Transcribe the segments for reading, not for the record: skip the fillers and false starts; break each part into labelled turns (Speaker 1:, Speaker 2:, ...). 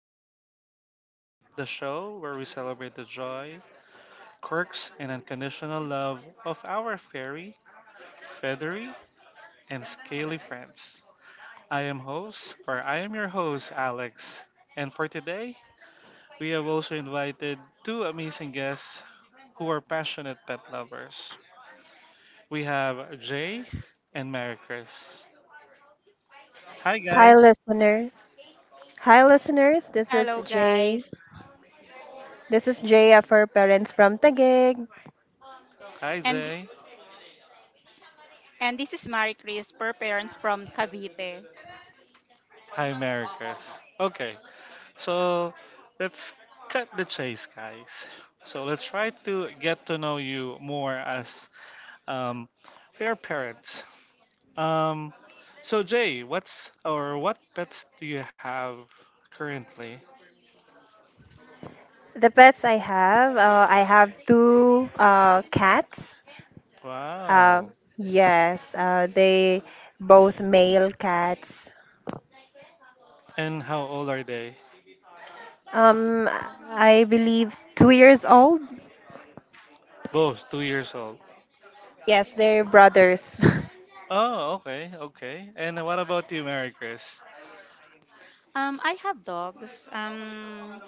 Speaker 1: for today, the show where we celebrate the joy, quirks, and unconditional love of our fairy, feathery, and scaly friends. I am host, or I am your host, Alex. And for today, we have also invited two amazing guests who are passionate pet lovers. We have Jay and Mary Chris. Hi,
Speaker 2: Hi,
Speaker 1: guys.
Speaker 2: listeners. This is
Speaker 3: Hello
Speaker 2: Jay.
Speaker 3: guys.
Speaker 2: This is Jay for parents from Taguig.
Speaker 1: Hi,
Speaker 3: And
Speaker 1: Jay.
Speaker 3: and this is Marie Chris, per parents from Cavite.
Speaker 1: Hi, Mary Chris. Okay, so let's cut the chase, guys. So let's try to get to know you more as um, fair parents. Um, so Jay, what's or what pets do you have currently?
Speaker 2: The pets I have two cats. Uh,
Speaker 1: Wow.
Speaker 2: yes, they both male cats.
Speaker 1: And how old are they?
Speaker 2: Um, I believe 2 years old.
Speaker 1: Both 2 years old.
Speaker 2: Yes, they're brothers.
Speaker 1: Oh, okay, okay. And what about you, Mary Chris?
Speaker 3: I have dogs.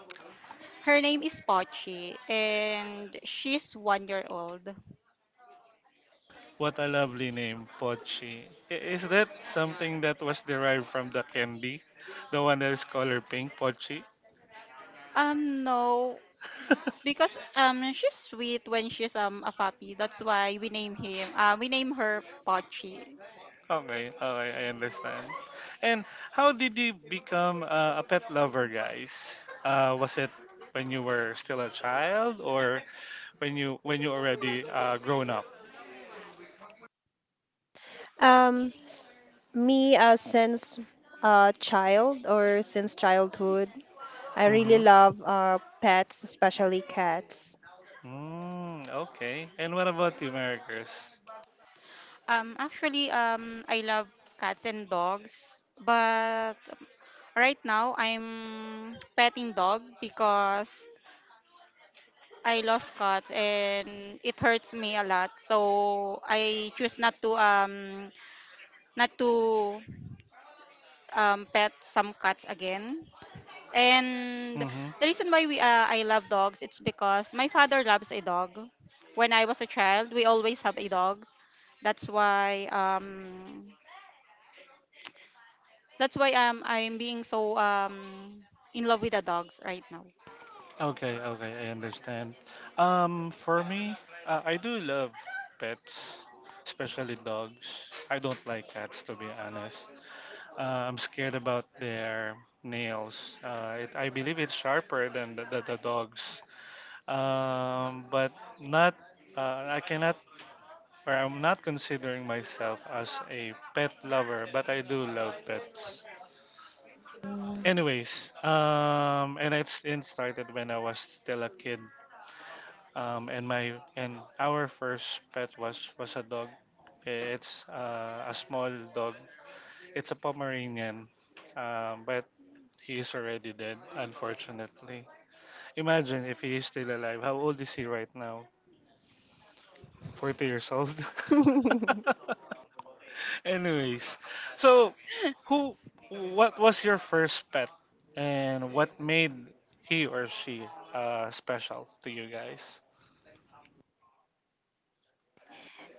Speaker 3: Her name is Pochi and she's 1 year old.
Speaker 1: What a lovely name, Pochi. Is that something that was derived from the candy? The one that is color pink, Pochi?
Speaker 3: No, because she's sweet when she's a puppy. That's why we name him. We name her Pochi.
Speaker 1: Okay, okay, I understand. And how did you become a pet lover, guys? Was it when you were still a child, or when you already grown up?
Speaker 2: um, s- me since child or since childhood, I really
Speaker 1: Mm-hmm.
Speaker 2: love pets, especially cats.
Speaker 1: Mm, okay. And what about you, Maricruz?
Speaker 3: Actually, I love cats and dogs, but right now I'm petting dog because I lost cuts and it hurts me a lot. So I choose not to pet some cats again. And
Speaker 1: Mm-hmm.
Speaker 3: the reason why we I love dogs, it's because my father loves a dog. When I was a child, we always have a dog. That's why um that's why I'm being so in love with the dogs right now.
Speaker 1: Okay, okay, I understand. For me, I do love pets, especially dogs. I don't like cats, to be honest. I'm scared about their nails. I believe it's sharper than the dog's, but not. I cannot, or I'm not considering myself as a pet lover, but I do love pets. Anyways, and it started when I was still a kid. And my and our first pet was a dog. It's a small dog. It's a Pomeranian, but he is already dead, unfortunately. Imagine if he is still alive. How old is he right now? 40 years old. Anyways, so who, what was your first pet, and what made he or she special to you guys?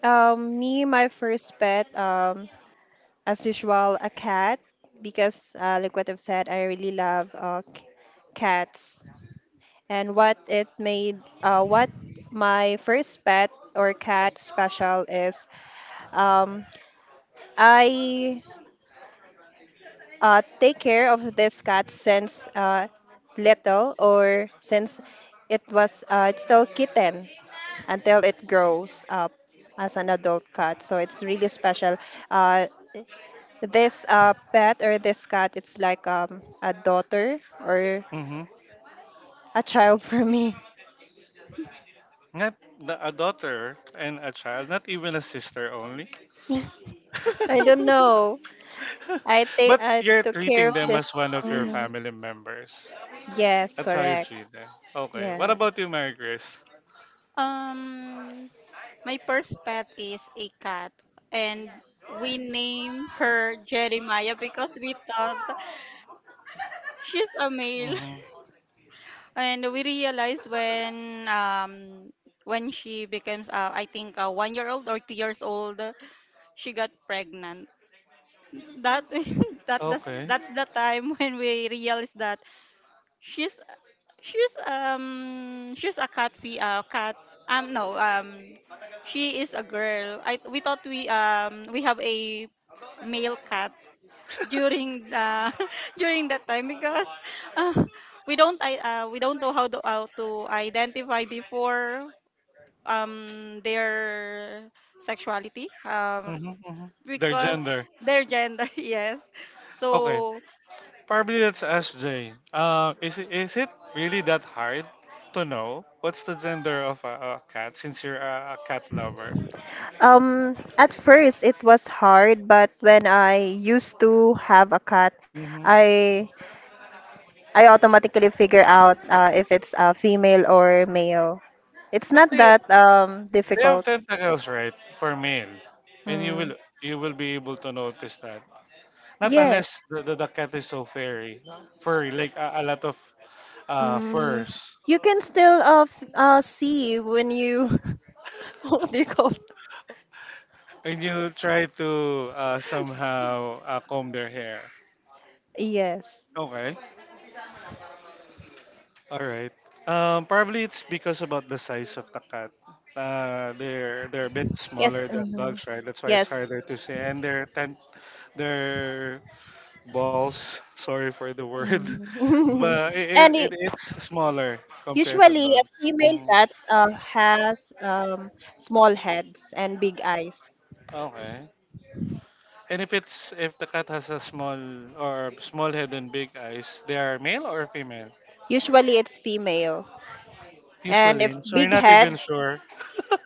Speaker 2: me, my first pet, as usual, a cat, because like what I've said, I really love cats. And what it made, what my first pet or cat special is, um, I take care of this cat since little or since it was it's still kitten until it grows up as an adult cat. So it's really special. Uh, This pet or this cat, it's like a daughter or
Speaker 1: Mm-hmm.
Speaker 2: a child for me.
Speaker 1: Not a daughter and a child, not even a sister only.
Speaker 2: I don't know. I think
Speaker 1: But
Speaker 2: I
Speaker 1: you're
Speaker 2: took care
Speaker 1: treating
Speaker 2: of
Speaker 1: them
Speaker 2: this.
Speaker 1: as one of your
Speaker 2: Mhm.
Speaker 1: family members.
Speaker 2: Yes,
Speaker 1: That's how you
Speaker 2: correct.
Speaker 1: treat them. Okay. What
Speaker 2: Yeah.
Speaker 1: about you, Mary Grace?
Speaker 3: Um My first pet is a cat, and we named her Jeremiah because we thought she's a male.
Speaker 1: Mm-hmm.
Speaker 3: And we realized when she becomes I think 1 year old or 2 years old, she got pregnant. That that that's,
Speaker 1: Okay.
Speaker 3: that's the time when we realized that she's she's a cat. We cat no she is a girl I we thought we have a male cat during the during that time because uh, we don't know how to identify before their sexuality.
Speaker 1: Mm-hmm, mm-hmm. Their
Speaker 3: Because
Speaker 1: gender.
Speaker 3: their gender, yes.
Speaker 1: Okay.
Speaker 3: so
Speaker 1: Probably that's SJ. Is it really that hard to know what's the gender of a cat since you're a cat lover?
Speaker 2: At first it was hard, but when I used to have a cat,
Speaker 1: Mm-hmm.
Speaker 2: I I automatically figure out if it's a female or male. It's
Speaker 1: But
Speaker 2: not that
Speaker 1: they have
Speaker 2: difficult.
Speaker 1: tentacles, right? For male, and
Speaker 2: Mm.
Speaker 1: you will be able to notice that. Not
Speaker 2: Yes.
Speaker 1: unless the cat is so furry, furry like a lot of
Speaker 2: Mm,
Speaker 1: furs.
Speaker 2: you can still see when you what do you call it?
Speaker 1: And you try to somehow comb their hair.
Speaker 2: Yes.
Speaker 1: Okay, all right. Probably it's because about the size of the cat. They're a bit
Speaker 2: Yes.
Speaker 1: smaller than
Speaker 2: Mhm.
Speaker 1: dogs, right? That's why it's
Speaker 2: Yes.
Speaker 1: harder to see. And their ten, their balls. Sorry for the word,
Speaker 2: Mm.
Speaker 1: but it,
Speaker 2: and
Speaker 1: it, it
Speaker 2: it,
Speaker 1: it's smaller compared to
Speaker 2: usually a
Speaker 1: dogs.
Speaker 2: female
Speaker 1: Mm,
Speaker 2: cat has small heads and big eyes.
Speaker 1: okay. And if the cat has a small or small head and big eyes, they are male or female?
Speaker 2: Usually it's female. And if
Speaker 1: Usually. So you're
Speaker 2: big
Speaker 1: not
Speaker 2: head,
Speaker 1: even sure.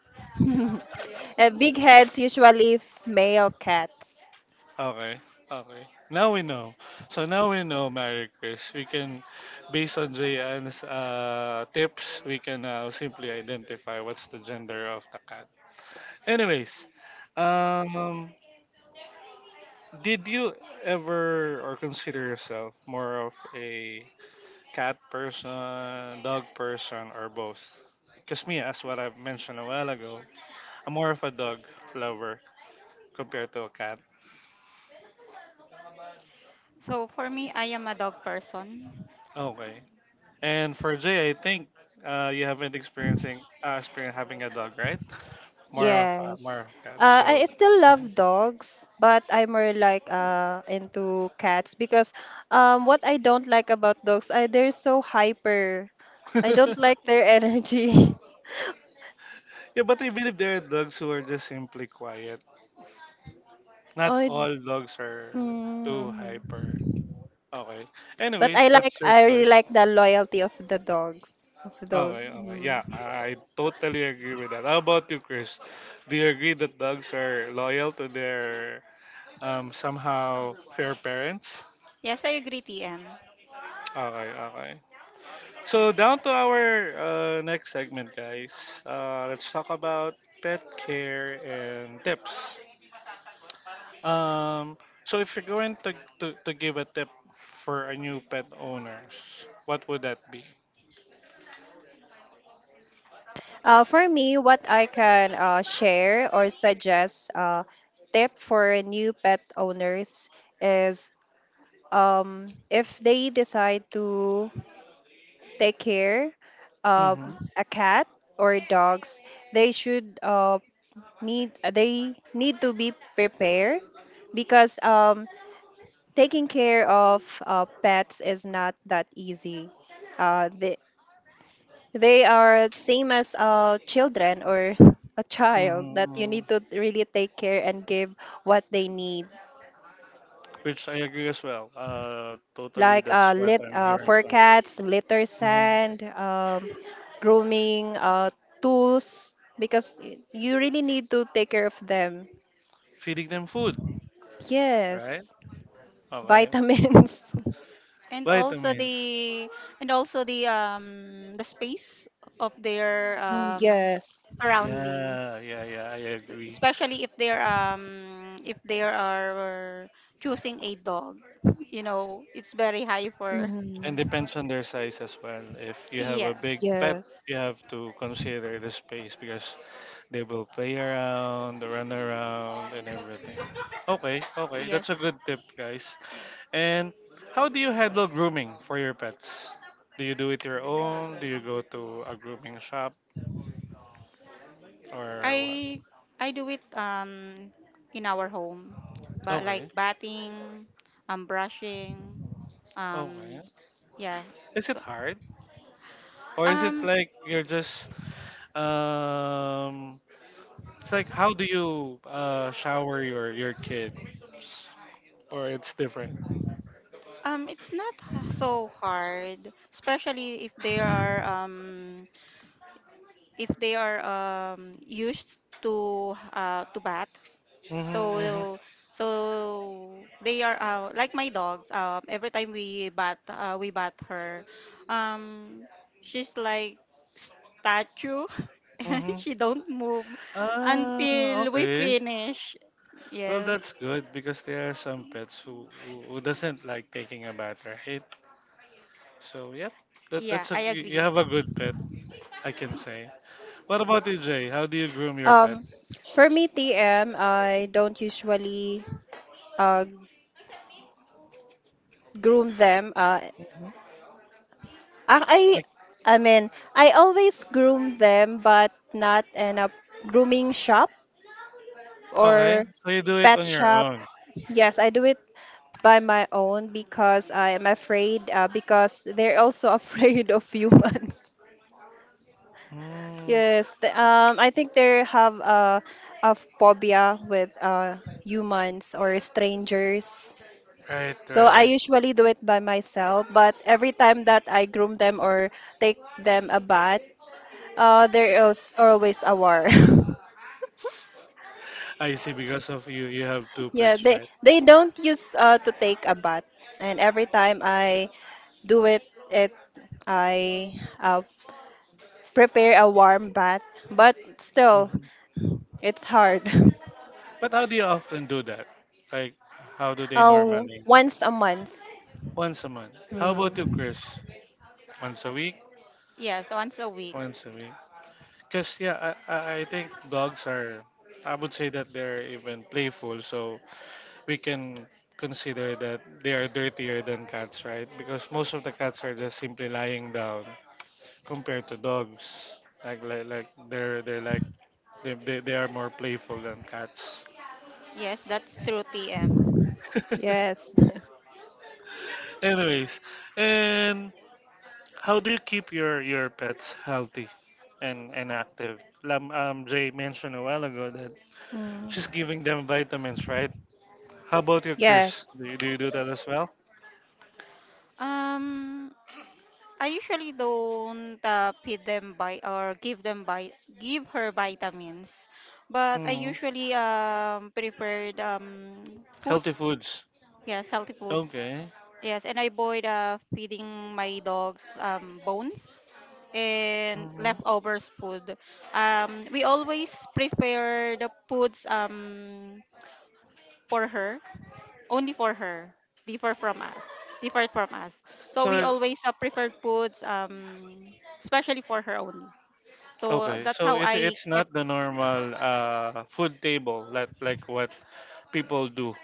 Speaker 2: big heads usually male cats.
Speaker 1: Okay. Okay. Now we know. So now we know, Mary Chris. We can, based on Jayan's tips, we can now simply identify what's the gender of the cat. Anyways, um, did you ever or consider yourself more of a cat person, dog person, or both? Because me, as what I've mentioned a while ago, I'm more of a dog lover compared to a cat.
Speaker 3: so, for me, I am a dog person.
Speaker 1: Okay. And for Jay, I think you haven't experiencing experience having a dog, right? More
Speaker 2: Yes.
Speaker 1: of cat.
Speaker 2: I
Speaker 1: So.
Speaker 2: still
Speaker 1: Mhm.
Speaker 2: love dogs, but I'm more like into cats because what I don't like about dogs, I they're so hyper. I don't like their energy.
Speaker 1: Yeah, but I believe there are dogs who are just simply quiet. Not
Speaker 2: I,
Speaker 1: all dogs are too
Speaker 2: mm.
Speaker 1: hyper. Okay.
Speaker 2: But
Speaker 1: Anyways, that's your
Speaker 2: I really
Speaker 1: choice.
Speaker 2: like the loyalty of the dogs of
Speaker 1: Oh
Speaker 2: the
Speaker 1: my, oh okay. Yeah,
Speaker 2: mm.
Speaker 1: I totally agree with that. How about you, Chris? Do you agree that dogs are loyal to their somehow fair parents?
Speaker 3: Yes, I agree, TM.
Speaker 1: Okay, okay. So down to our next segment, guys. Let's talk about pet care and tips. Um, so if you're going to give a tip for a new pet owners, what would that be?
Speaker 2: For me, what I can share or suggest tip for new pet owners is if they decide to take care of
Speaker 1: Mm-hmm.
Speaker 2: a cat or dogs, they should need they need to be prepared because taking care of pets is not that easy. Uh, they they are same as children or a child
Speaker 1: Mm-hmm.
Speaker 2: that you need to
Speaker 1: mm-hmm.
Speaker 2: really take care and give what they need
Speaker 1: Which I agree as well. Totally,
Speaker 2: like
Speaker 1: that's what
Speaker 2: lit
Speaker 1: I'm hearing
Speaker 2: for
Speaker 1: from.
Speaker 2: cats, litter
Speaker 1: Mhm.
Speaker 2: sand, grooming tools because you really need to take care of them.
Speaker 1: Feeding them food, right?
Speaker 2: Yes,
Speaker 1: Okay.
Speaker 2: vitamins.
Speaker 3: and also
Speaker 1: Vitamins.
Speaker 3: the and also the space of their
Speaker 2: Oh, yes.
Speaker 1: Yeah,
Speaker 3: surroundings,
Speaker 1: yeah, yeah, I agree.
Speaker 3: especially if they're if they are choosing a dog, it's very high for.
Speaker 1: And
Speaker 2: Mhm.
Speaker 1: depends on their size as well. If you have a
Speaker 3: Yeah.
Speaker 1: big pet,
Speaker 2: Yes.
Speaker 1: you have to consider the space because they will play around, run around, and everything. Okay, okay, that's
Speaker 3: Yes,
Speaker 1: a good tip, guys. And how do you handle grooming for your pets? Do you do it your own? Do you go to a grooming shop, or
Speaker 3: i
Speaker 1: what?
Speaker 3: I do it in our home, but like
Speaker 1: Okay.
Speaker 3: bathing, brushing, um
Speaker 1: Okay.
Speaker 3: yeah.
Speaker 1: Is
Speaker 3: so
Speaker 1: it hard? Or is it
Speaker 3: um
Speaker 1: like you're just um it's like how do you shower your kids? Or it's different?
Speaker 3: It's not h- so hard, especially if they are used to bat.
Speaker 1: Mm-hmm, mm-hmm,
Speaker 3: So so they are, like my dogs. Every time we bat her. Um, she's like statue.
Speaker 1: mm-hmm.
Speaker 3: She don't move
Speaker 1: Ah,
Speaker 3: until we
Speaker 1: okay.
Speaker 3: finish.
Speaker 1: Well,
Speaker 3: Yes.
Speaker 1: that's good because there are some pets who doesn't like taking a bath, right? So, yep,
Speaker 3: Yeah,
Speaker 1: that's a
Speaker 3: I
Speaker 1: you
Speaker 3: agree.
Speaker 1: have a good pet, I can say. What about you, Jay? How do you groom your pet?
Speaker 2: Um, for me, TM, I don't usually uh, groom them.
Speaker 1: Hmm.
Speaker 2: I, I I mean, I always groom them, but not in a grooming shop
Speaker 1: Okay,
Speaker 2: or
Speaker 1: so you do it
Speaker 2: pet
Speaker 1: on your
Speaker 2: shop.
Speaker 1: own.
Speaker 2: Yes, I do it by my own because I am afraid because they're also afraid of humans.
Speaker 1: Mm,
Speaker 2: Yes, I think they have a phobia with humans or strangers.
Speaker 1: right,
Speaker 2: So I
Speaker 1: right.
Speaker 2: usually do it by myself, but every time that I groom them or take them a bath, there is always a war.
Speaker 1: I see. Because of you, you have two
Speaker 2: Yeah,
Speaker 1: pets, right?
Speaker 2: they don't use to take a bath, and every time I do it it I uh, prepare a warm bath but still
Speaker 1: Hmm.
Speaker 2: it's hard.
Speaker 1: But how do you often do that? Like, how do they
Speaker 2: Oh,
Speaker 1: normally?
Speaker 2: once a month.
Speaker 1: Once a month. How about you,
Speaker 2: Mm.
Speaker 1: Chris? Once a week?
Speaker 3: Yes, once a week.
Speaker 1: Once a week. Because, yeah, I think dogs are, I would say that they're even playful. So we can consider that they are dirtier than cats, right? Because most of the cats are just simply lying down compared to dogs. Like they're like they are more playful than cats.
Speaker 3: Yes, that's true, TM.
Speaker 2: Yes.
Speaker 1: Anyways, and how do you keep your pets healthy and active? Lam, Jay mentioned a while ago that she's
Speaker 2: Mm.
Speaker 1: giving them vitamins, right? How about you,
Speaker 2: Yes.
Speaker 1: Chris? Do you you do that as well?
Speaker 3: Um, I usually don't feed them by or give them by give her vitamins, but I
Speaker 1: Hmm.
Speaker 3: usually prepared
Speaker 1: Healthy
Speaker 3: foods.
Speaker 1: foods.
Speaker 3: Yes, healthy foods.
Speaker 1: Okay.
Speaker 3: Yes, and I avoid feeding my dogs bones and
Speaker 1: Hmm.
Speaker 3: leftovers food. We always prepare the foods for her, only for her, differ from us different from us. So
Speaker 1: So
Speaker 3: we always, preferred foods, especially for her only, so
Speaker 1: okay,
Speaker 3: that's
Speaker 1: so
Speaker 3: how
Speaker 1: it
Speaker 3: I
Speaker 1: it's not the normal food table like what people do.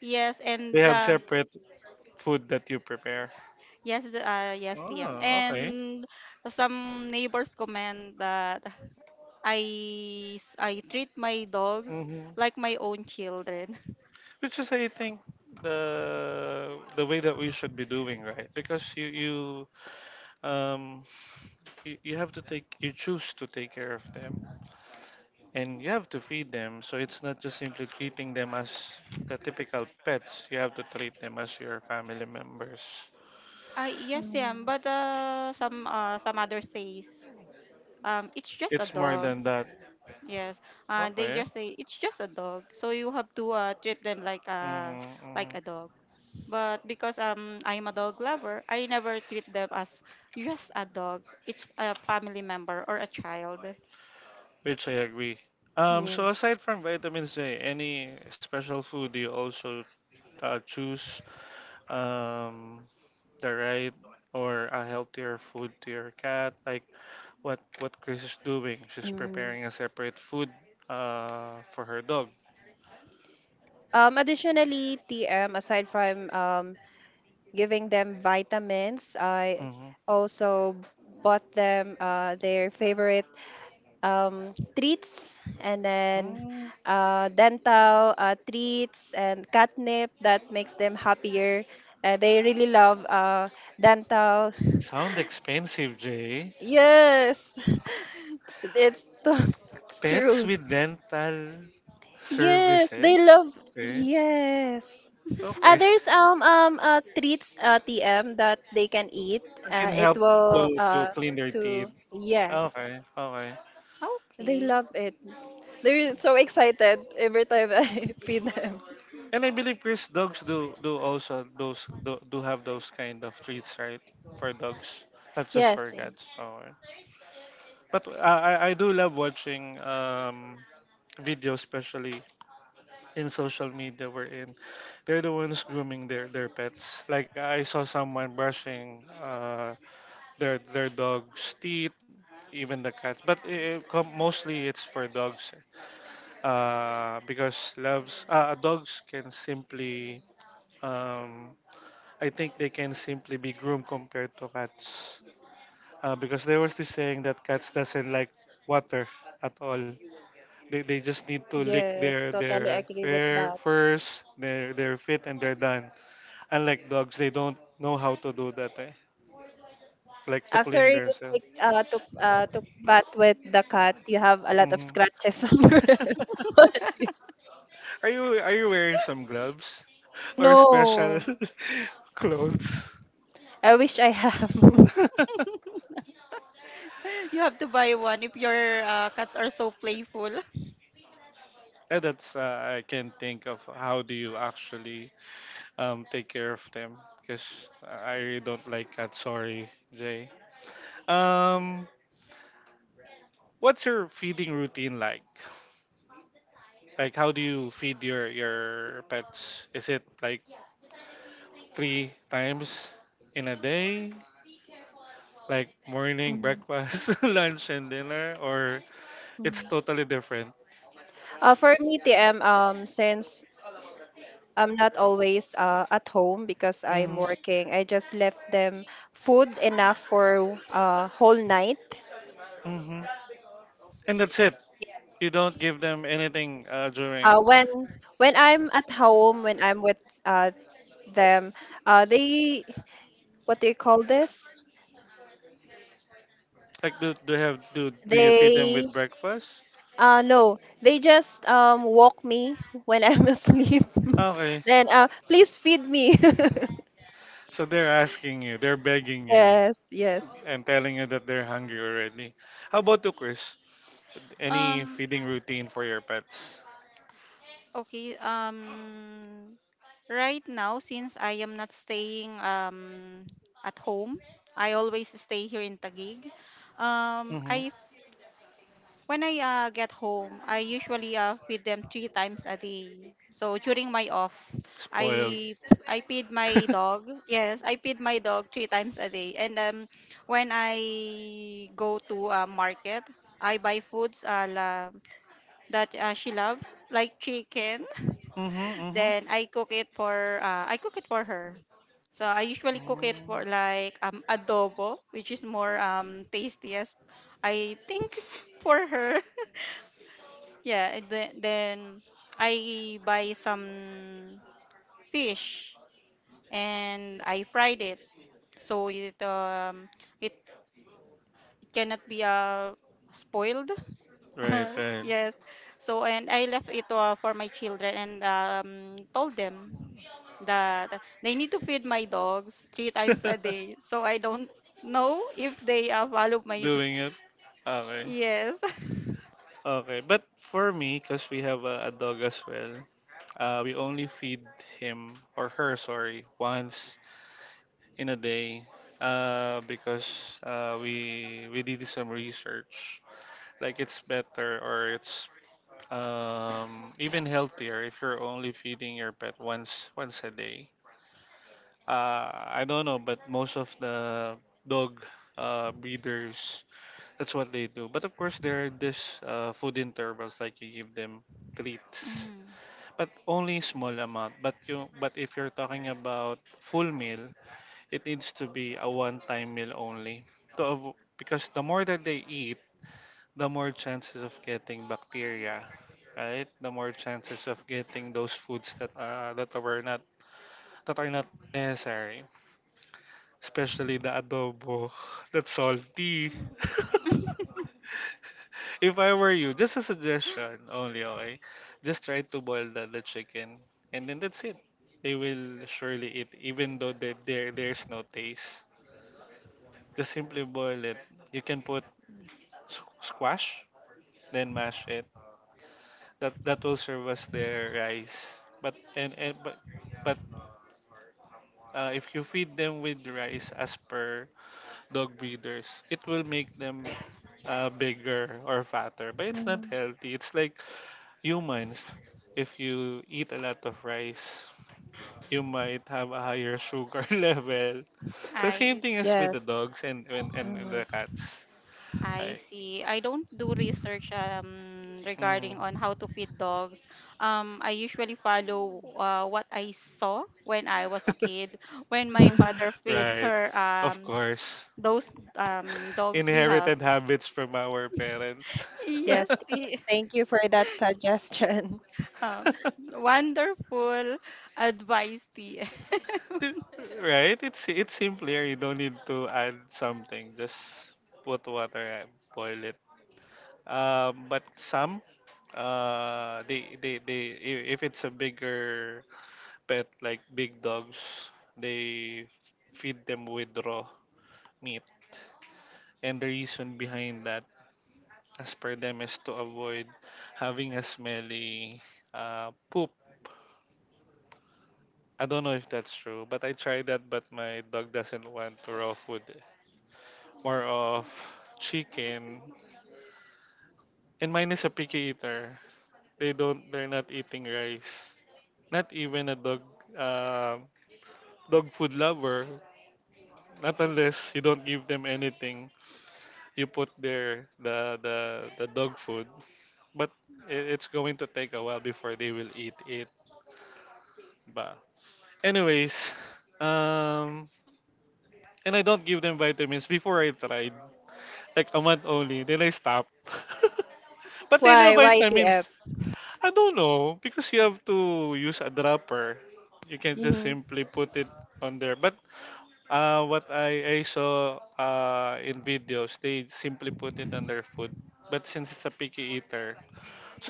Speaker 3: Yes, and
Speaker 1: They have separate food that you prepare?
Speaker 3: yes. Yes, TM,
Speaker 1: Oh, okay.
Speaker 3: and some neighbors comment that i I treat my dogs
Speaker 1: Hmm.
Speaker 3: like my own children.
Speaker 1: Which is, I think, the way that we should be doing, right? Because um you have to take you choose to take care of them, and you have to feed them. So it's not just simply treating them as the typical pets. You have to treat them as your family members.
Speaker 3: I Yes, TM, but
Speaker 2: Mm.
Speaker 3: some others says it's just a
Speaker 1: It's more
Speaker 3: dog.
Speaker 1: than that.
Speaker 3: Yes, they
Speaker 1: Okay.
Speaker 3: just say it's just a dog, so you have to treat them like a
Speaker 1: Mm-hmm,
Speaker 3: like
Speaker 1: mm-hmm.
Speaker 3: a dog. But because I'm a dog lover, I never treat them as just a dog. It's a family member or a child.
Speaker 1: Which I agree. So
Speaker 2: Yes.
Speaker 1: aside from vitamins A, any special food do you also choose um, the right or a healthier food to your cat? Like what Chris is doing? She's
Speaker 2: Mm.
Speaker 1: preparing a separate food for her dog.
Speaker 2: Additionally, TM, aside from giving them vitamins, I
Speaker 1: Mm-hmm.
Speaker 2: also bought them their favorite treats and then
Speaker 1: Mm,
Speaker 2: dental treats and catnip that makes them happier. They really love dental.
Speaker 1: sound expensive, Jay.
Speaker 2: Yes, it's
Speaker 1: Pets
Speaker 2: true.
Speaker 1: with dental
Speaker 2: Yes,
Speaker 1: services.
Speaker 2: they love.
Speaker 1: Okay.
Speaker 2: Yes.
Speaker 1: Okay.
Speaker 2: There's treats TM that they can eat.
Speaker 1: That can
Speaker 2: It
Speaker 1: help
Speaker 2: will
Speaker 1: to clean their teeth.
Speaker 2: to yes,
Speaker 1: Okay. Okay.
Speaker 2: they
Speaker 3: Okay.
Speaker 2: love it. They're so excited every time I feed them.
Speaker 1: And I believe Chris dogs do also those do have those kind of treats, right? For dogs, not just for
Speaker 2: Yes, eh,
Speaker 1: cats. Oh, yeah. But I I do love watching videos, especially in social media we in. They're the ones grooming their pets. Like I saw someone brushing their dog's teeth, even the cats. But it com- mostly it's for dogs, because loves dogs can simply um I think they can simply be groomed compared to cats, because there was this saying that cats doesn't like water at all. They just need to lick
Speaker 2: yes, totally
Speaker 1: their
Speaker 2: agree with
Speaker 1: fur
Speaker 2: that.
Speaker 1: first, their feet, and they're done. Unlike dogs, they don't know how to do that. Eh? Like to
Speaker 2: After
Speaker 1: clean
Speaker 2: you
Speaker 1: themselves.
Speaker 2: take took took bath with the cat, you have a lot of
Speaker 1: Hmm.
Speaker 2: scratches on your.
Speaker 1: Are you wearing some gloves or special
Speaker 2: No,
Speaker 1: clothes?
Speaker 2: I wish I have.
Speaker 3: You have to buy one if your cats are so playful.
Speaker 1: And that's I can think of how do you actually take care of them because I really don't like cats. Sorry, Jay. Um, what's your feeding routine like? Like, how do you feed your pets? Is it like three times in a day? Like morning,
Speaker 2: Mm,
Speaker 1: breakfast, lunch, and dinner, or it's
Speaker 2: mm.
Speaker 1: totally different.
Speaker 2: Uh, for me, TM, since I'm not always at home because I'm
Speaker 1: Mm-hmm.
Speaker 2: working, I just left them food enough for whole night.
Speaker 1: Mm-hmm. And that's it. You don't give them anything
Speaker 2: Uh,
Speaker 1: during.
Speaker 2: when when I'm at home, when I'm with them, they what do you call this?
Speaker 1: Like, do you feed them
Speaker 2: They
Speaker 1: with breakfast?
Speaker 2: no, they just walk me when I'm asleep.
Speaker 1: Okay.
Speaker 2: Then please feed me.
Speaker 1: So they're asking you, they're begging you,
Speaker 2: Yes, yes.
Speaker 1: and telling you that they're hungry already. How about you, Chris? Any
Speaker 3: Um,
Speaker 1: feeding routine for your pets?
Speaker 3: Okay. Right now, since I am not staying at home, I always stay here in Taguig.
Speaker 1: Mm-hmm.
Speaker 3: I when I get home, I usually feed them three times a day. So during my off,
Speaker 1: Spoiled.
Speaker 3: I I feed my
Speaker 1: mm-hmm,
Speaker 3: dog. Yes, I feed my dog three times a day. And when I go to market, I buy foods that she loves, like chicken.
Speaker 1: mm-hmm.
Speaker 3: Then I cook it for her. So I usually cook it
Speaker 1: Mm.
Speaker 3: for like adobo, which is more tastiest. I think, for her. Yeah, and then I buy some fish and I fried it. So it cannot be spoiled.
Speaker 1: Right, right.
Speaker 3: Yes. So, and I left it for my children and told them that they need to feed my dogs three times a day. So I don't know if they follow my.
Speaker 1: Doing it. Okay.
Speaker 3: Yes.
Speaker 1: Okay, but for me, because we have a dog as well, uh, we only feed him or her, sorry, once in a day, because we did some research. Like it's better or it's even healthier if you're only feeding your pet once a day. Uh, I don't know, but most of the dog breeders, that's what they do. But of course, there are this food intervals, like you give them treats
Speaker 3: Mm.
Speaker 1: but only small amount, but you, but if you're talking about full meal, it needs to be a one time meal only because the more that they eat, the more chances of getting bacteria, right, the more chances of getting those foods that that were not, that are not necessary. Especially the adobo. That's salty. If I were you, just a suggestion only, okay? Just try to boil the chicken and then that's it. They will surely eat even though that there's no taste. Just simply boil it. You can put squash, then mash it. That will serve as their rice. But and but but if you feed them with rice, as per dog breeders, it will make them bigger or fatter. But it's not
Speaker 2: Mhm.
Speaker 1: healthy. It's like humans. If you eat a lot of rice, you might have a higher sugar level. So same
Speaker 3: I
Speaker 1: thing
Speaker 3: see.
Speaker 1: as with
Speaker 2: Yes.
Speaker 1: the dogs and the
Speaker 2: Mhm.
Speaker 1: cats,
Speaker 3: I
Speaker 1: right?
Speaker 3: see. I don't do research
Speaker 1: Hmm.
Speaker 3: regarding on how to feed dogs. I usually follow, what I saw when I was a kid, when my father feeds
Speaker 1: Right.
Speaker 3: her,
Speaker 1: Of course.
Speaker 3: those dogs we have.
Speaker 1: Inherited habits from our parents.
Speaker 2: Yes.
Speaker 3: Yes, the
Speaker 2: Thank you for that suggestion.
Speaker 3: Oh, wonderful advice, TM.
Speaker 1: Di- right? It's simpler. You don't need to add something. Just put water and boil it. But some, if it's a bigger pet like big dogs, they feed them with raw meat. And the reason behind that, as per them, is to avoid having a smelly poop. I don't know if that's true, but I tried that, but my dog doesn't want raw food, more of chicken. And mine is a picky eater. They don't. They're not eating rice. Not even a dog. Uh, Dog food lover. Not unless you don't give them anything. You put the the dog food. But it's going to take a while before they will eat it. But anyways, um, and I don't give them vitamins. Before I tried. Like a month only. Then I stop. But they love
Speaker 2: Why? Why TF?
Speaker 1: vitamins. I don't know, because you have to use a dropper. You can just
Speaker 2: Mm-hmm.
Speaker 1: simply put it on there. But what I saw in videos, they simply put it on their food. But since it's a picky eater,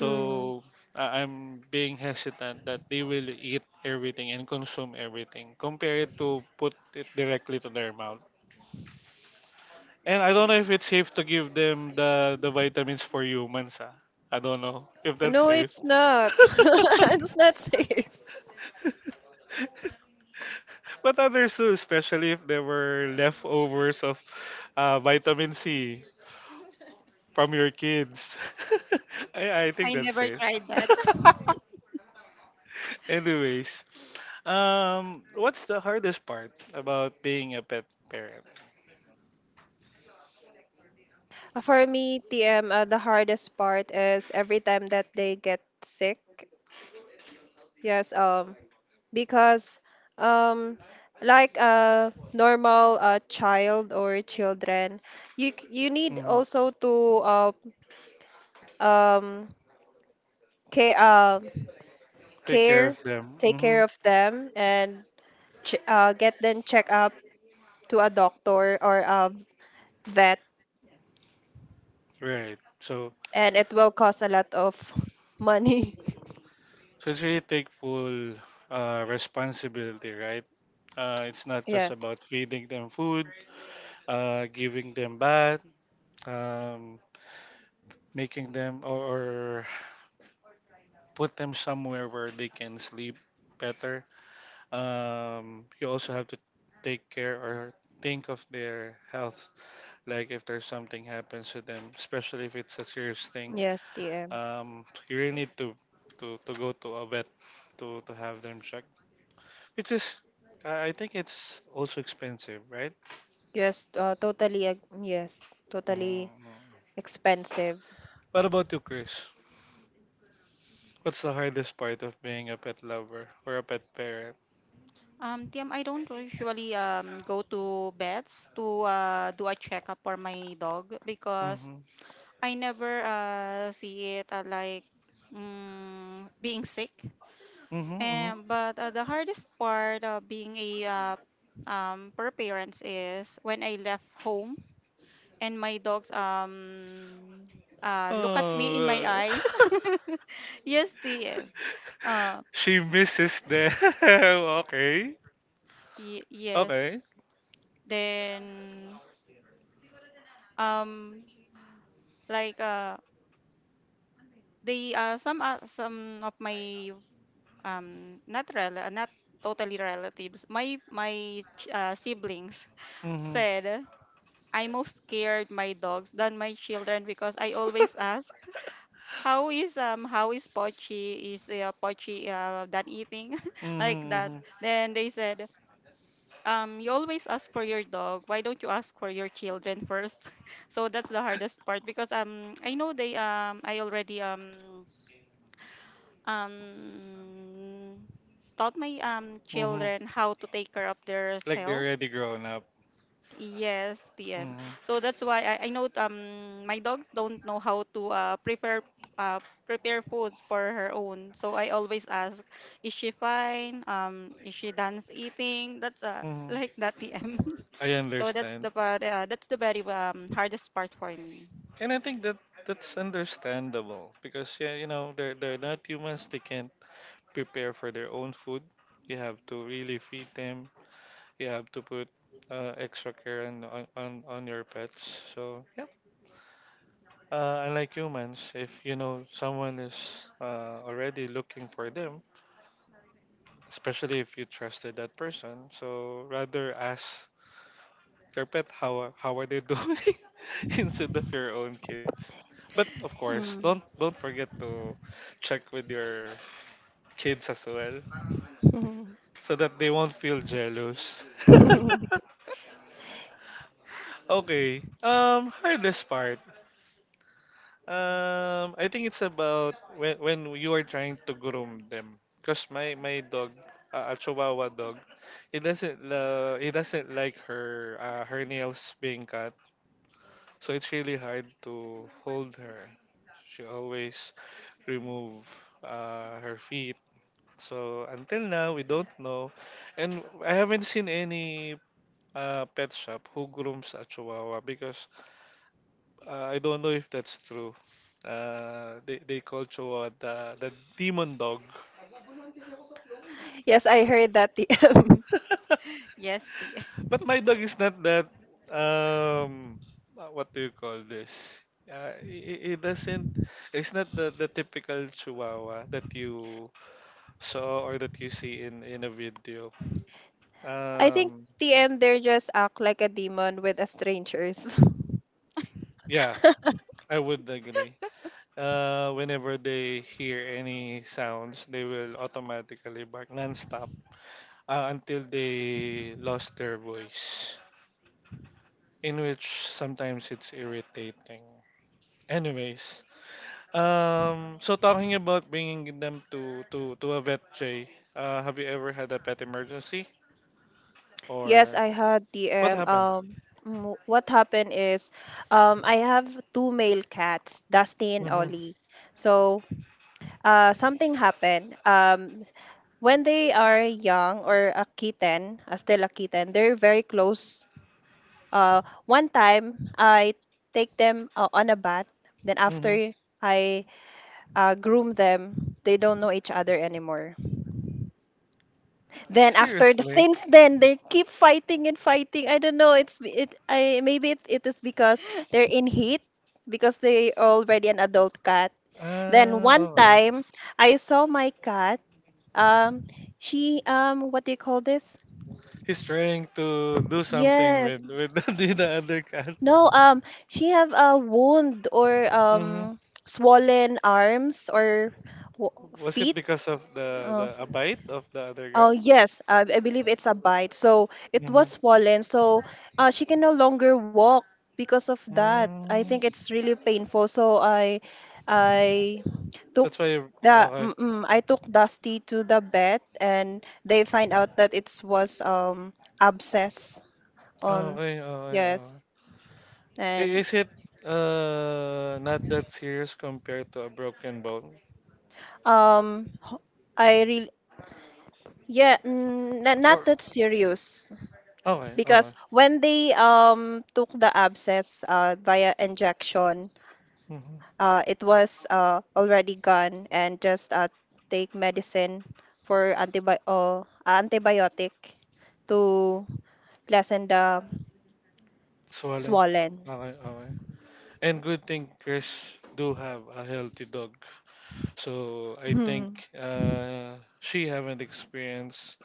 Speaker 2: Mm.
Speaker 1: I'm being hesitant that they will eat everything and consume everything. Compare it to put it directly to their mouth. And I don't know if it's safe to give them the vitamins for humans. Ah. I don't know if that's
Speaker 2: No,
Speaker 1: safe.
Speaker 2: it's not. It's not safe.
Speaker 1: But others too, especially if there were leftovers of vitamin C from your kids. I think
Speaker 3: I
Speaker 1: that's
Speaker 3: never
Speaker 1: safe.
Speaker 3: tried that.
Speaker 1: Anyways, what's the hardest part about being a pet parent?
Speaker 2: For me, TM, the hardest part is every time that they get sick. Yes, because um like a normal child or children you you need
Speaker 1: Hmm.
Speaker 2: also to um care uh,
Speaker 1: Take care
Speaker 2: care,
Speaker 1: of them.
Speaker 2: take
Speaker 1: Hmm.
Speaker 2: care of them and get them check up to a doctor or a vet,
Speaker 1: Right. So,
Speaker 2: and it will cost a lot of money.
Speaker 1: so it's really take full responsibility, right? It's not just
Speaker 2: Yes.
Speaker 1: about feeding them food, giving them bath, um, making them, or put them somewhere where they can sleep better. You also have to take care, or think of their health, like if there's something happens to them, especially if it's a serious thing.
Speaker 2: Yes, TM.
Speaker 1: You really need to to go to a vet to have them checked. It is. I think it's also expensive, right?
Speaker 2: Yes, yes, totally
Speaker 1: Mm.
Speaker 2: expensive.
Speaker 1: What about you, Chris? What's the hardest part of being a pet lover or a pet parent?
Speaker 3: TM, I don't usually go to vets to do a checkup for my dog because
Speaker 1: Mm-hmm.
Speaker 3: I never see it, like, being sick.
Speaker 1: Mm-hmm. Mm-hmm.
Speaker 3: And but the hardest part of being a, per parents is when I left home and my dogs, look at me in my
Speaker 1: Oh,
Speaker 3: eyes. Yes, TM. Uh,
Speaker 1: she misses the. Okay.
Speaker 3: y Yes.
Speaker 1: Okay.
Speaker 3: Then, um like they some of my not rel not totally relatives, my siblings
Speaker 1: Mm-hmm.
Speaker 3: said, I most scared my dogs than my children because I always ask, how is Pochi, is the Pochi done eating? Like
Speaker 1: Mm-hmm.
Speaker 3: that.
Speaker 1: Mm-hmm.
Speaker 3: Then they said, you always ask for your dog, why don't you ask for your children first? So that's the hardest part because I know they I already um taught my
Speaker 1: Mm-hmm.
Speaker 3: children how to take care of their
Speaker 1: Like
Speaker 3: self.
Speaker 1: they're already grown up.
Speaker 3: Yes, TM,
Speaker 1: Mm-hmm.
Speaker 3: so that's why I know my dogs don't know how to uh, prepare foods for her own, so I always ask, is she fine, is she done eating? That's
Speaker 1: Mhm.
Speaker 3: like that, TM.
Speaker 1: I
Speaker 3: So that's
Speaker 1: understand.
Speaker 3: the part. That's the very,
Speaker 1: That's the,
Speaker 3: hardest part for me.
Speaker 1: and I think that that's understandable because, yeah, you know, they're not humans, they can't prepare for their own food. You have to really feed them. You have to put extra care on, on your pets. So, yep. Unlike humans, if you know someone is already looking for them, especially if you trusted that person. So rather ask your pet how are they doing instead of your own kids. But of course,
Speaker 2: Mm.
Speaker 1: don't forget to check with your kids as well so that they won't feel jealous. Okay. Um, hardest part. I think it's about when you are trying to groom them. Cause my dog, a Chihuahua dog, it doesn't like her her nails being cut. So it's really hard to hold her. She always remove her feet. So until now, we don't know, and I haven't seen any pet shop who grooms a Chihuahua because I don't know if that's true. They call Chihuahua the demon dog.
Speaker 2: Yes, I heard that, TM.
Speaker 3: Yes, the.
Speaker 1: But my dog is not that. Um, what do you call this? It, it doesn't. It's not the typical Chihuahua that you saw or that you see in a video.
Speaker 2: I think,
Speaker 1: Um,
Speaker 2: TM, they just act like a demon with a strangers.
Speaker 1: yeah, I would agree. Whenever they hear any sounds, they will automatically bark nonstop, until they lost their voice, in which sometimes it's irritating. Anyways, so talking about bringing them to a vet, Jay, have you ever had a pet emergency
Speaker 2: Yes,
Speaker 1: or
Speaker 2: I had,
Speaker 1: what
Speaker 2: TM.
Speaker 1: happened?
Speaker 2: What happened is, I have two male cats, Dusty and
Speaker 1: Mm-hmm.
Speaker 2: Ollie. So, something happened. When they are young or a kitten, they're very close. One time I take them on a bath. Then
Speaker 1: Mm-hmm.
Speaker 2: after I groom them. They don't know each other anymore. Then after the
Speaker 1: Seriously?
Speaker 2: since then they keep fighting and fighting. I don't know. It's be- it. I maybe it is because they're in heat because they already an adult cat. Then
Speaker 1: Ah,
Speaker 2: one
Speaker 1: okay.
Speaker 2: time I saw my cat. Um, she what do you call this?
Speaker 1: He's trying to do something
Speaker 2: Yes.
Speaker 1: with the other cat.
Speaker 2: No. She have a wound or
Speaker 1: Mm-hmm.
Speaker 2: swollen arms or
Speaker 1: Was it
Speaker 2: feet.
Speaker 1: because of the
Speaker 2: Oh.
Speaker 1: the a bite of the other
Speaker 2: Oh,
Speaker 1: guy?
Speaker 2: yes, I believe it's a bite. So it was
Speaker 1: Hmm.
Speaker 2: swollen. So she can no longer walk because of that. I think
Speaker 1: Mm,
Speaker 2: it's really painful. So, I took
Speaker 1: that's why. You, okay.
Speaker 2: I took Dusty to the vet, and they find out that it was abscess on,
Speaker 1: Okay. Okay. Okay.
Speaker 2: yes,
Speaker 1: I-
Speaker 2: and
Speaker 1: is it not that serious compared to a broken bone?
Speaker 2: ho- I really yeah mm, n- not
Speaker 1: Or
Speaker 2: that serious.
Speaker 1: okay.
Speaker 2: Because
Speaker 1: Okay.
Speaker 2: when they took the abscess via injection,
Speaker 1: Mm-hmm.
Speaker 2: it was already gone and just take medicine for antibiotic to lessen the
Speaker 1: Swelling.
Speaker 2: swollen.
Speaker 1: Okay. Okay. And good thing Chris do have a healthy dog. So I think
Speaker 2: Hmm.
Speaker 1: she haven't experienced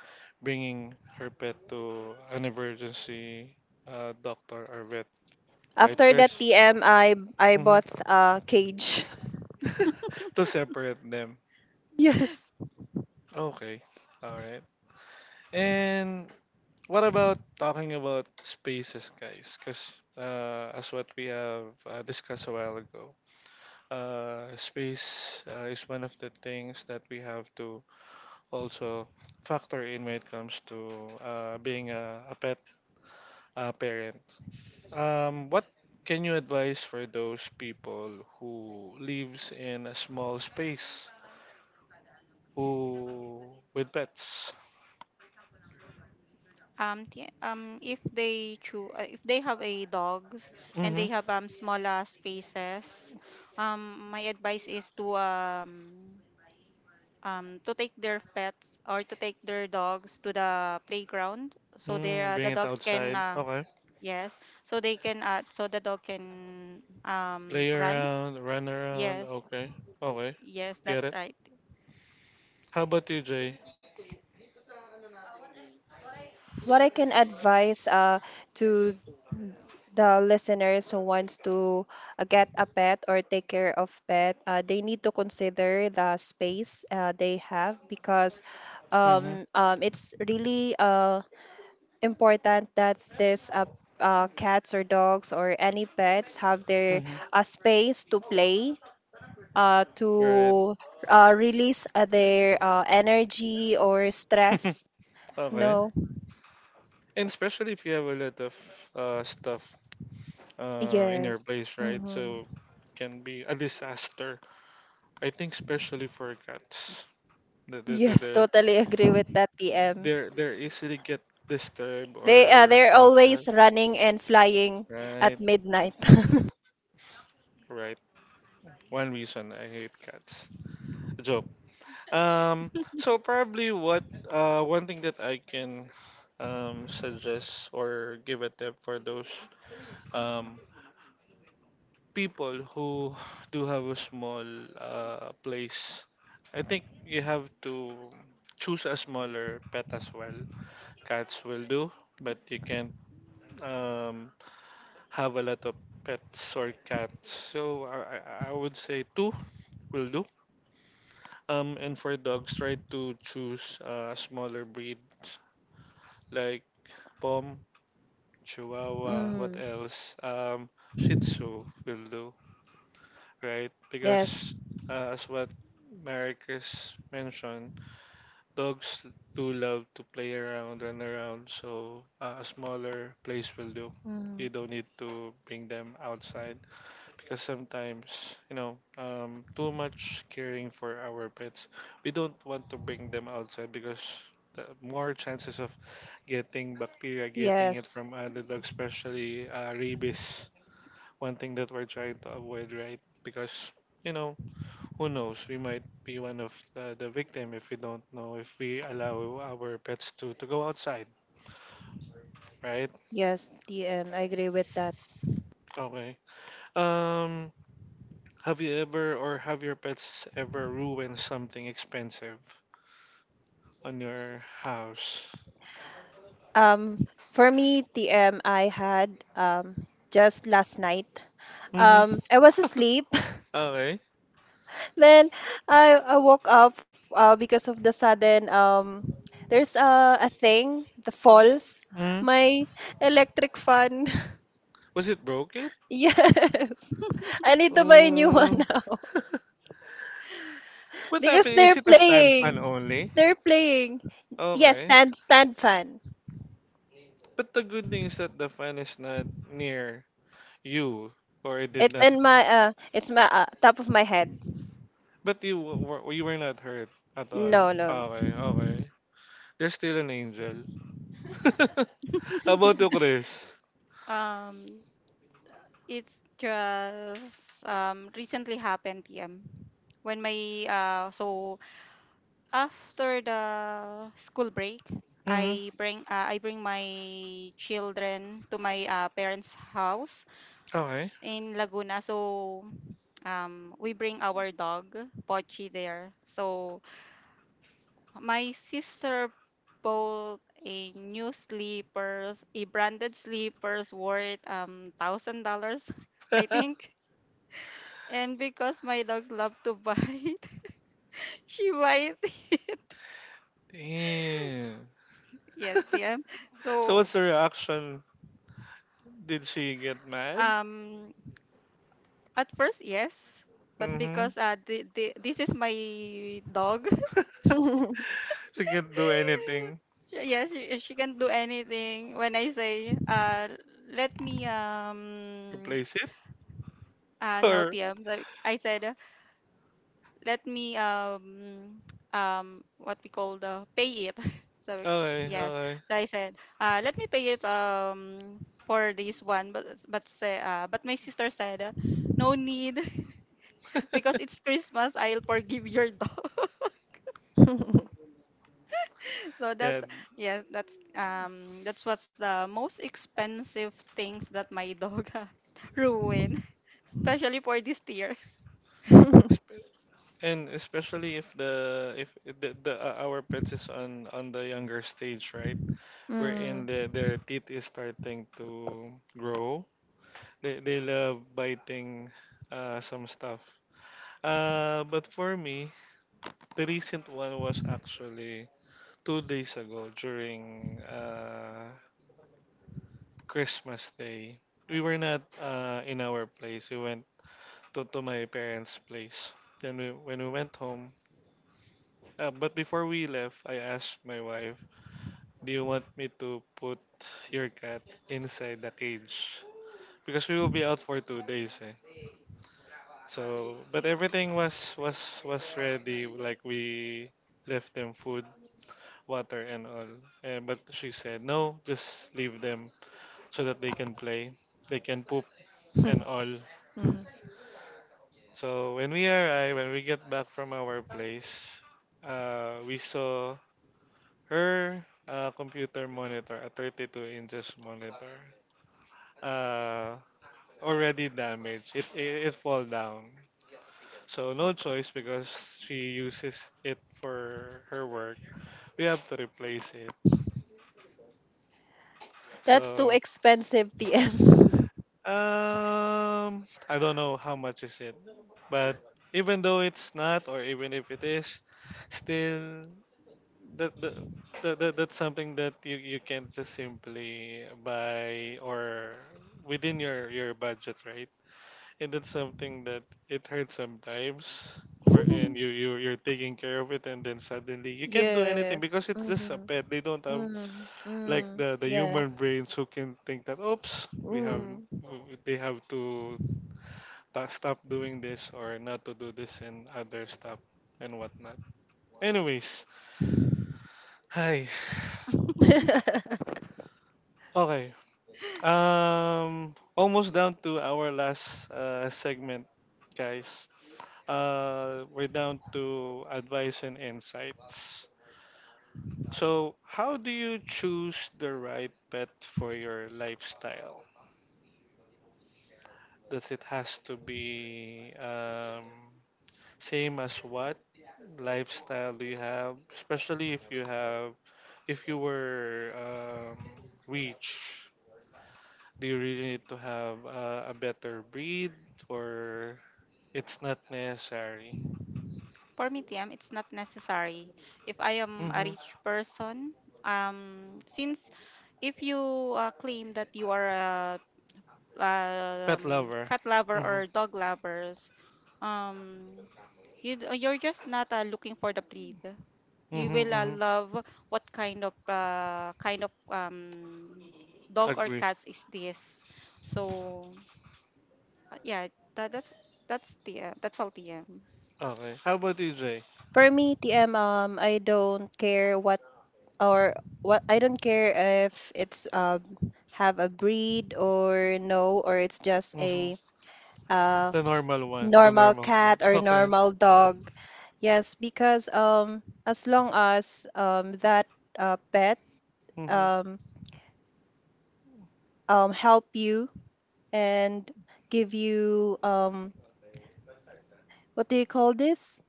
Speaker 1: bringing her pet to an emergency doctor or vet, right,
Speaker 2: After that,
Speaker 1: Chris?
Speaker 2: TM, I
Speaker 1: Hmm.
Speaker 2: bought a cage.
Speaker 1: To separate them.
Speaker 2: Yes.
Speaker 1: Okay, all right. And what about talking about spaces, guys? Because as what we have discussed a while ago, space is one of the things that we have to also factor in when it comes to being a pet parent. What can you advise for those people who lives in a small space, who with pets?
Speaker 3: If they have a dog and
Speaker 1: Mm-hmm.
Speaker 3: they have smaller spaces, my advice is to take their pets or to take their dogs to the playground, so their,
Speaker 1: Mm,
Speaker 3: the
Speaker 1: bring it
Speaker 3: dogs can,
Speaker 1: outside. Okay.
Speaker 3: yes, so they can, so the dog can
Speaker 1: Play
Speaker 3: run.
Speaker 1: around, run around.
Speaker 3: Yes,
Speaker 1: Okay. Okay.
Speaker 3: yes,
Speaker 1: Get
Speaker 3: that's
Speaker 1: it.
Speaker 3: right.
Speaker 1: How about you, Jay?
Speaker 2: What I can advise to the listeners who wants to get a pet or take care of pet, they need to consider the space they have because
Speaker 1: Mm-hmm.
Speaker 2: it's really important that this cats or dogs or any pets have their
Speaker 1: Mm-hmm.
Speaker 2: space to play,
Speaker 1: Right.
Speaker 2: to release their energy or stress.
Speaker 1: Okay.
Speaker 2: No.
Speaker 1: And especially if you have a lot of stuff in your
Speaker 2: Yes.
Speaker 1: place, right?
Speaker 2: hmm
Speaker 1: So it can be a disaster. I think especially for cats. The the the,
Speaker 2: yes,
Speaker 1: the
Speaker 2: totally agree with that, TM.
Speaker 1: they're easily get disturbed
Speaker 2: They
Speaker 1: or
Speaker 2: they're
Speaker 1: shocked,
Speaker 2: always running and flying
Speaker 1: right? Right.
Speaker 2: at midnight.
Speaker 1: Right. One reason I hate cats. A joke. Um, so probably what one thing that I can suggest or give a tip for those um, people who do have a small place. I think you have to choose a smaller pet as well. Cats will do, but you can't um, have a lot of pets or cats. So I would say two will do. And for dogs, try to choose a smaller breed like pom, Chihuahua, what
Speaker 2: Mm.
Speaker 1: else? Shih Tzu will do, right?
Speaker 2: Yes.
Speaker 1: Because as what Marcus mentioned, dogs do love to play around, run around, so a smaller place will do. You
Speaker 2: Mm.
Speaker 1: don't need to bring them outside because sometimes you know too much caring for our pets, we don't want to bring them outside because the more chances of getting bacteria, getting it
Speaker 2: Yes,
Speaker 1: from other dogs, especially rabies, one thing that we're trying to avoid, right? Because you know, who knows, we might be one of the victim if we don't know, if we allow our pets to go outside, right?
Speaker 2: yes, TM, I agree with that.
Speaker 1: Okay. Um, have you ever or have your pets ever ruined something expensive on your house?
Speaker 2: Um, for me, TM, I had just last night.
Speaker 1: Mm-hmm.
Speaker 2: I was asleep.
Speaker 1: Okay.
Speaker 2: Then I woke up because of the sudden there's a thing, the falls,
Speaker 1: Hmm.
Speaker 2: my electric fan.
Speaker 1: Was it broken?
Speaker 2: Yes. I need to buy a new one
Speaker 1: Uh,
Speaker 2: now.
Speaker 1: what
Speaker 2: Because
Speaker 1: happened?
Speaker 2: they're
Speaker 1: Is it a stand fan
Speaker 2: playing.
Speaker 1: only?
Speaker 2: They're playing. Yes,
Speaker 1: Okay.
Speaker 2: stand fan.
Speaker 1: But the good thing is that the fan is not near you, or it did not.
Speaker 2: It's my top of my head.
Speaker 1: But were you were not hurt at all?
Speaker 2: No, no.
Speaker 1: Okay, okay. There's still an angel. How about you, Chris?
Speaker 3: Um, It's just recently happened, TM. When my So after the school break,
Speaker 1: Mm-hmm.
Speaker 3: I bring my children to my parents' house
Speaker 1: Okay.
Speaker 3: in Laguna. So, we bring our dog Pochi there. So my sister bought a new slippers, a branded slippers worth $1,000, I think. And because my dogs love to bite, she bite.
Speaker 1: Damn.
Speaker 3: Yes, TM.
Speaker 1: So
Speaker 3: So,
Speaker 1: what's the reaction? Did she get mad?
Speaker 3: um at first, yes, but
Speaker 1: Mm-hmm.
Speaker 3: because this is my dog.
Speaker 1: She can't do anything.
Speaker 3: Yes, she can do anything. When I say, let me,
Speaker 1: Replace it?
Speaker 3: no,
Speaker 1: Or
Speaker 3: TM, so I said, let me, what we call, the pay it. so we-
Speaker 1: okay,
Speaker 3: yes,
Speaker 1: okay.
Speaker 3: so I said, let me pay it, for this one, but my sister said, no need. Because it's Christmas, I'll forgive your dog. So
Speaker 1: Yeah.
Speaker 3: that's, yes, that's what's the most expensive things that my dog ruin, especially for this tier.
Speaker 1: Sp- and especially if the, if the, the our pets is on the younger stage, right?
Speaker 2: Mm,
Speaker 1: Wherein the, their teeth is starting to grow. They love biting some stuff. But for me, the recent one was actually 2 days ago during Christmas Day. We were not in our place. We went to my parents' place. Then we, when we went home, but before we left, I asked my wife, "Do you want me to put your cat inside the cage?" because we will be out for 2 days. Eh. So, but everything was ready. Like we left them food, water, and all. And but she said no, just leave them so that they can play, they can poop and all.
Speaker 2: mm.
Speaker 1: So when we arrive, when we get back from our place, we saw her computer monitor, a 32 inches monitor, uh, already damaged. It fall down. So no choice because she uses it for her work. We have to replace it.
Speaker 2: That's too
Speaker 1: So
Speaker 2: expensive, TM.
Speaker 1: um I don't know how much is it. But even though it's not, or even if it is, still that the that's something that you can't just simply buy, or within your budget, right? And that's something that it hurts sometimes, wherein you, you you're taking care of it and then suddenly you can't do anything
Speaker 2: Yes.
Speaker 1: because it's just a
Speaker 2: Mm-hmm.
Speaker 1: pet. They don't have
Speaker 2: Mm,
Speaker 1: like
Speaker 2: mm,
Speaker 1: the
Speaker 2: yeah.
Speaker 1: human brains who can think that oops, we have
Speaker 2: Mm.
Speaker 1: they have to stop doing this or not to do this and other stuff and whatnot. Anyways, hi. Okay. Almost down to our last segment, guys. We're down to advice and insights. So, how do you choose the right pet for your lifestyle? Does it has to be same as what lifestyle do you have? Especially if you have, if you were rich, do you really need to have a better breed, or it's not necessary?
Speaker 3: For me, TM, it's not necessary. If I am a
Speaker 1: Mm-hmm.
Speaker 3: rich person, since if you, claim that you are a,
Speaker 1: Pet lover.
Speaker 3: cat lover
Speaker 1: Mm-hmm.
Speaker 3: or dog lovers, um you're just not, looking for the breed. You
Speaker 1: Mm-hmm.
Speaker 3: will,
Speaker 1: Mm-hmm.
Speaker 3: love what kind of dog or
Speaker 1: Agree.
Speaker 3: cats is this. So, yeah, that, that's that's all, TM.
Speaker 1: Okay. How about you, Jay?
Speaker 2: For me, TM, I don't care what or what I don't care if it's have a breed or no or it's just
Speaker 1: Mm-hmm.
Speaker 2: a uh,
Speaker 1: The normal one. The
Speaker 2: normal
Speaker 1: normal kind.
Speaker 2: cat or
Speaker 1: Okay.
Speaker 2: normal dog. Yes, because as long as that pet
Speaker 1: Mm-hmm.
Speaker 2: um help you and give you what do you call this?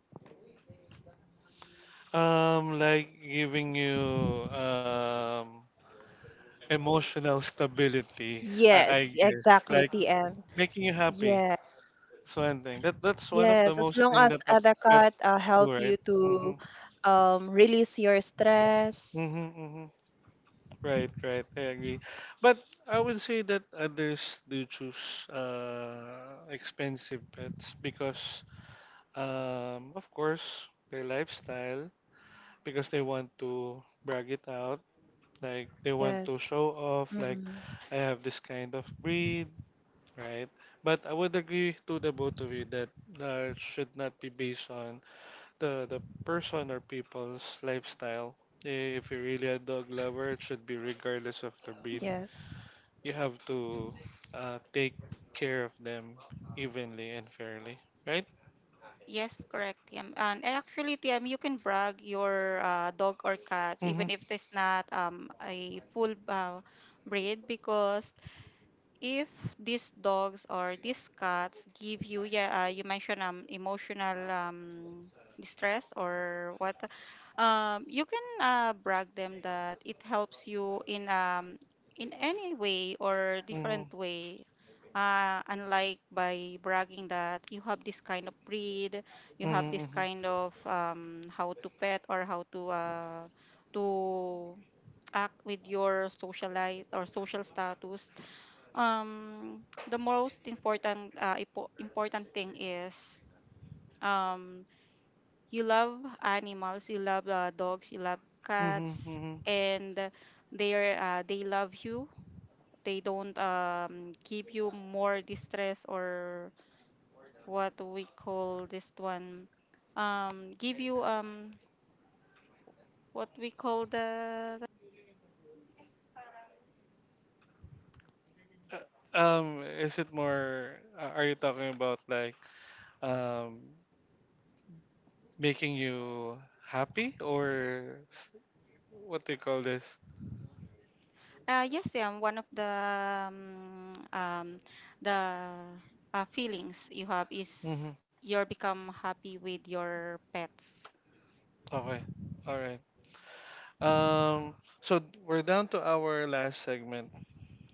Speaker 1: Like giving you emotional stability. I
Speaker 2: Yes,
Speaker 1: guess
Speaker 2: exactly,
Speaker 1: like
Speaker 2: TM.
Speaker 1: making you happy. That's one thing. That's one of the
Speaker 2: Yes, as
Speaker 1: most
Speaker 2: long
Speaker 1: thing
Speaker 2: as
Speaker 1: that a
Speaker 2: cat
Speaker 1: pets do,
Speaker 2: help
Speaker 1: right?
Speaker 2: you
Speaker 1: Mm-hmm.
Speaker 2: to release your stress.
Speaker 1: Mm-hmm. Mm-hmm. Right, right. I agree. But I would say that others do choose expensive pets because, of course, their lifestyle, because they want to brag it out. Like, they want to
Speaker 2: Yes.
Speaker 1: show off, like,
Speaker 2: Mm-mm.
Speaker 1: I have this kind of breed, right? But I would agree to the both of you that it should not be based on the person or people's lifestyle. If you're really a dog lover, it should be regardless of the breed.
Speaker 2: Yes.
Speaker 1: You have to take care of them evenly and fairly, right?
Speaker 3: Yes, correct, TM. And actually, TM, you can brag your, dog or cats,
Speaker 1: Mm-hmm.
Speaker 3: even if it's not, a full, breed, because if these dogs or these cats give you, yeah, you mentioned, emotional, distress, or what, you can, brag them that it helps you in, in any way or
Speaker 1: Mm-hmm.
Speaker 3: different way. Unlike by bragging that you have this kind of breed, you have this
Speaker 1: Mm-hmm.
Speaker 3: kind of, how to pet, or how to act with your social life or social status. um the most important, important thing is, um you love animals, you love, dogs, you love cats,
Speaker 1: Mm-hmm.
Speaker 3: and they are, they love you. They don't, give you more distress, or what we call this one, give you, what we call the.
Speaker 1: Is it more? Are you talking about like um, making you happy or what do you call this?
Speaker 3: Yes, they are one of the, um, um, the feelings you have
Speaker 1: Mm-hmm.
Speaker 3: is you're become happy with your pets.
Speaker 1: Okay, all right. Um, so we're down to our last segment,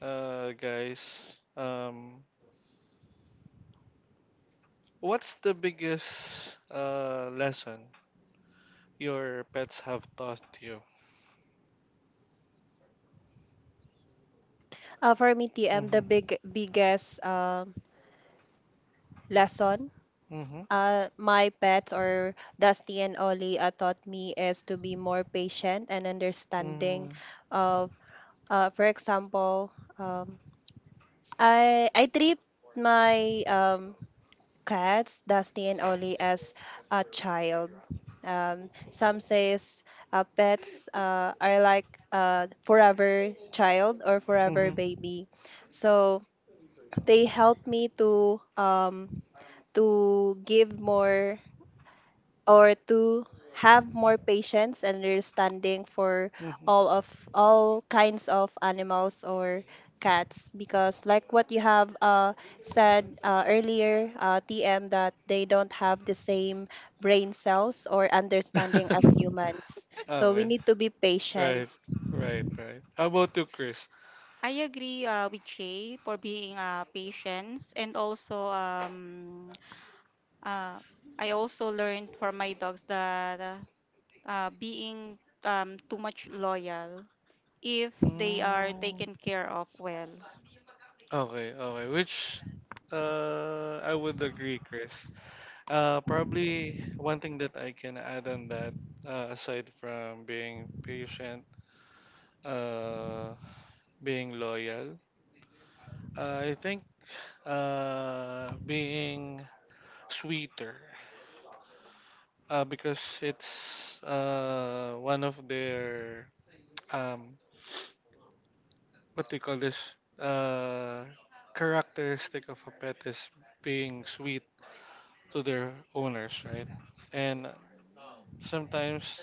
Speaker 1: guys. Um, what's the biggest lesson your pets have taught you?
Speaker 2: For me, TM,
Speaker 1: Mm-hmm.
Speaker 2: the biggest lesson
Speaker 1: Mm-hmm.
Speaker 2: my pets or Dusty and Ollie taught me is to be more patient and understanding.
Speaker 1: Mm-hmm.
Speaker 2: uh, for example, um, I treat my cats Dusty and Ollie as a child. Some says pets are like a forever child or
Speaker 1: Mm-hmm.
Speaker 2: forever baby, so they help me to give more or to have more patience and understanding for all of all kinds of animals or cats because like what you have said earlier, TM, that they don't have the same brain cells or understanding
Speaker 1: Mm-hmm.
Speaker 2: as humans, so we
Speaker 1: Okay.
Speaker 2: need to be patient.
Speaker 1: Right. Right. Right. How about you, Chris?
Speaker 3: I agree, with Shay, for being, patient, and also, uh, I also learned from my dogs that, being, too much loyal, if they are
Speaker 1: Mm.
Speaker 3: taken care of well.
Speaker 1: Okay. Okay. Which, I would agree, Chris. Probably one thing that I can add on that, aside from being patient, uh, being loyal, I think being sweeter, because it's one of their um, what do you call this characteristic of a pet is being sweet to their owners, right? And sometimes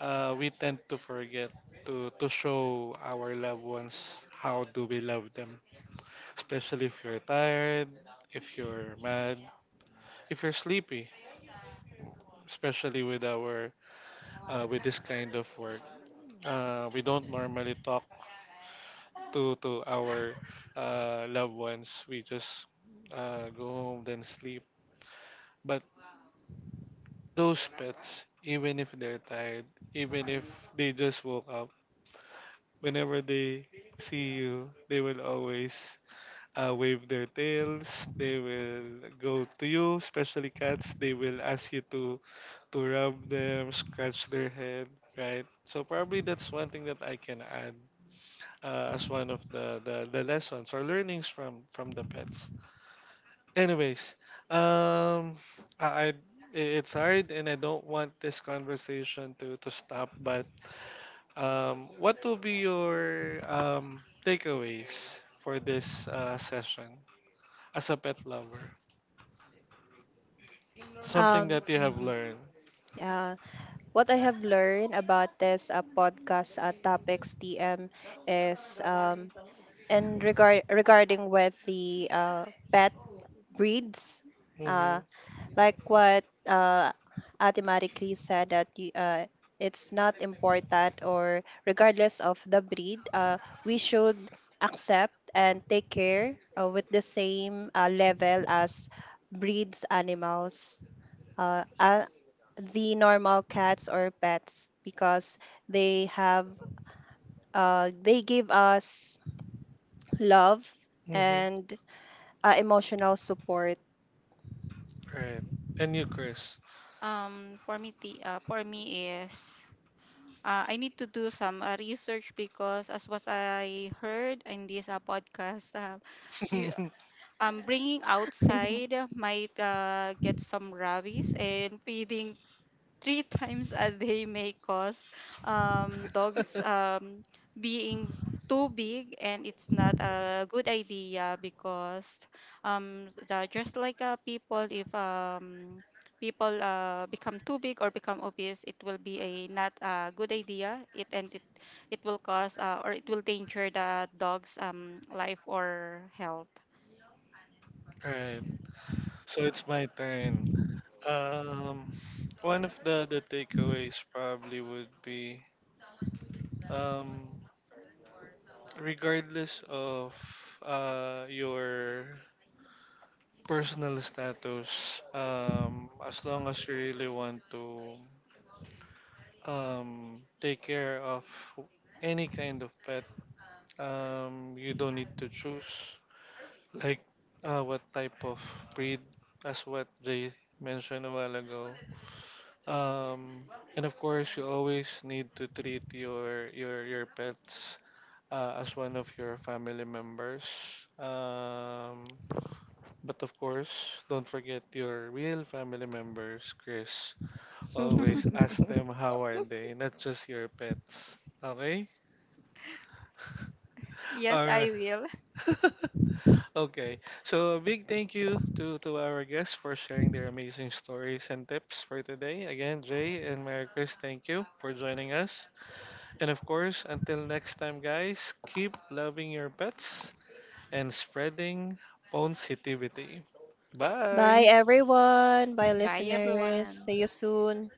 Speaker 1: we tend to forget to show our loved ones how do we love them, especially if you're tired, if you're mad, if you're sleepy, especially with our with this kind of work. We don't normally talk to our loved ones. We just go home then sleep. But those pets, even if they're tired, even if they just woke up, whenever they see you, they will always wave their tails. They will go to you, especially cats. They will ask you to rub them, scratch their head, right? So probably that's one thing that I can add as one of the lessons or learnings from the pets. Anyways, um, I, I it's hard, and I don't want this conversation to stop. But what will be your takeaways for this session as a pet lover? Something
Speaker 2: um,
Speaker 1: that you have
Speaker 2: mhm.
Speaker 1: learned.
Speaker 2: yeah, what I have learned about this podcast topics, TM, is And regard regarding with the pet breeds,
Speaker 1: Mm-hmm.
Speaker 2: uh, like what automatically said that you, it's not important or regardless of the breed, we should accept and take care with the same level as breeds animals, uh, uh, the normal cats or pets, because they have they give us love
Speaker 1: Mm-hmm.
Speaker 2: and emotional support.
Speaker 1: Right. And you, Chris.
Speaker 3: For me, for me is. I need to do some, research because, as what I heard in this, podcast, you, bringing outside might, get some rabies, and feeding three times a day may cause, dogs, being too big, and it's not a good idea because, the, just like, people, if, people, become too big or become obese, it will be a not a good idea, it will cause, or it will danger the dog's, life or health.
Speaker 1: Right. So it's my turn. Um, one of the takeaways probably would be um, regardless of your personal status, as long as you really want to take care of any kind of pet, um, you don't need to choose like what type of breed, as what Jay mentioned a while ago. Um, and of course, you always need to treat your pets as one of your family members. Um, but of course, don't forget your real family members, Chris. Always ask them how are they, not just your pets. Okay?
Speaker 3: Yes,
Speaker 1: All
Speaker 3: I
Speaker 1: right.
Speaker 3: will.
Speaker 1: Okay, so a big thank you to our guests for sharing their amazing stories and tips for today. Again, Jay and Mary Chris, thank you for joining us. And of course, until next time, guys, keep loving your pets and spreading positivity.
Speaker 2: Bye,
Speaker 1: Bye!
Speaker 2: everyone. Bye,
Speaker 3: Bye,
Speaker 2: listeners.
Speaker 3: everyone.
Speaker 2: See you soon.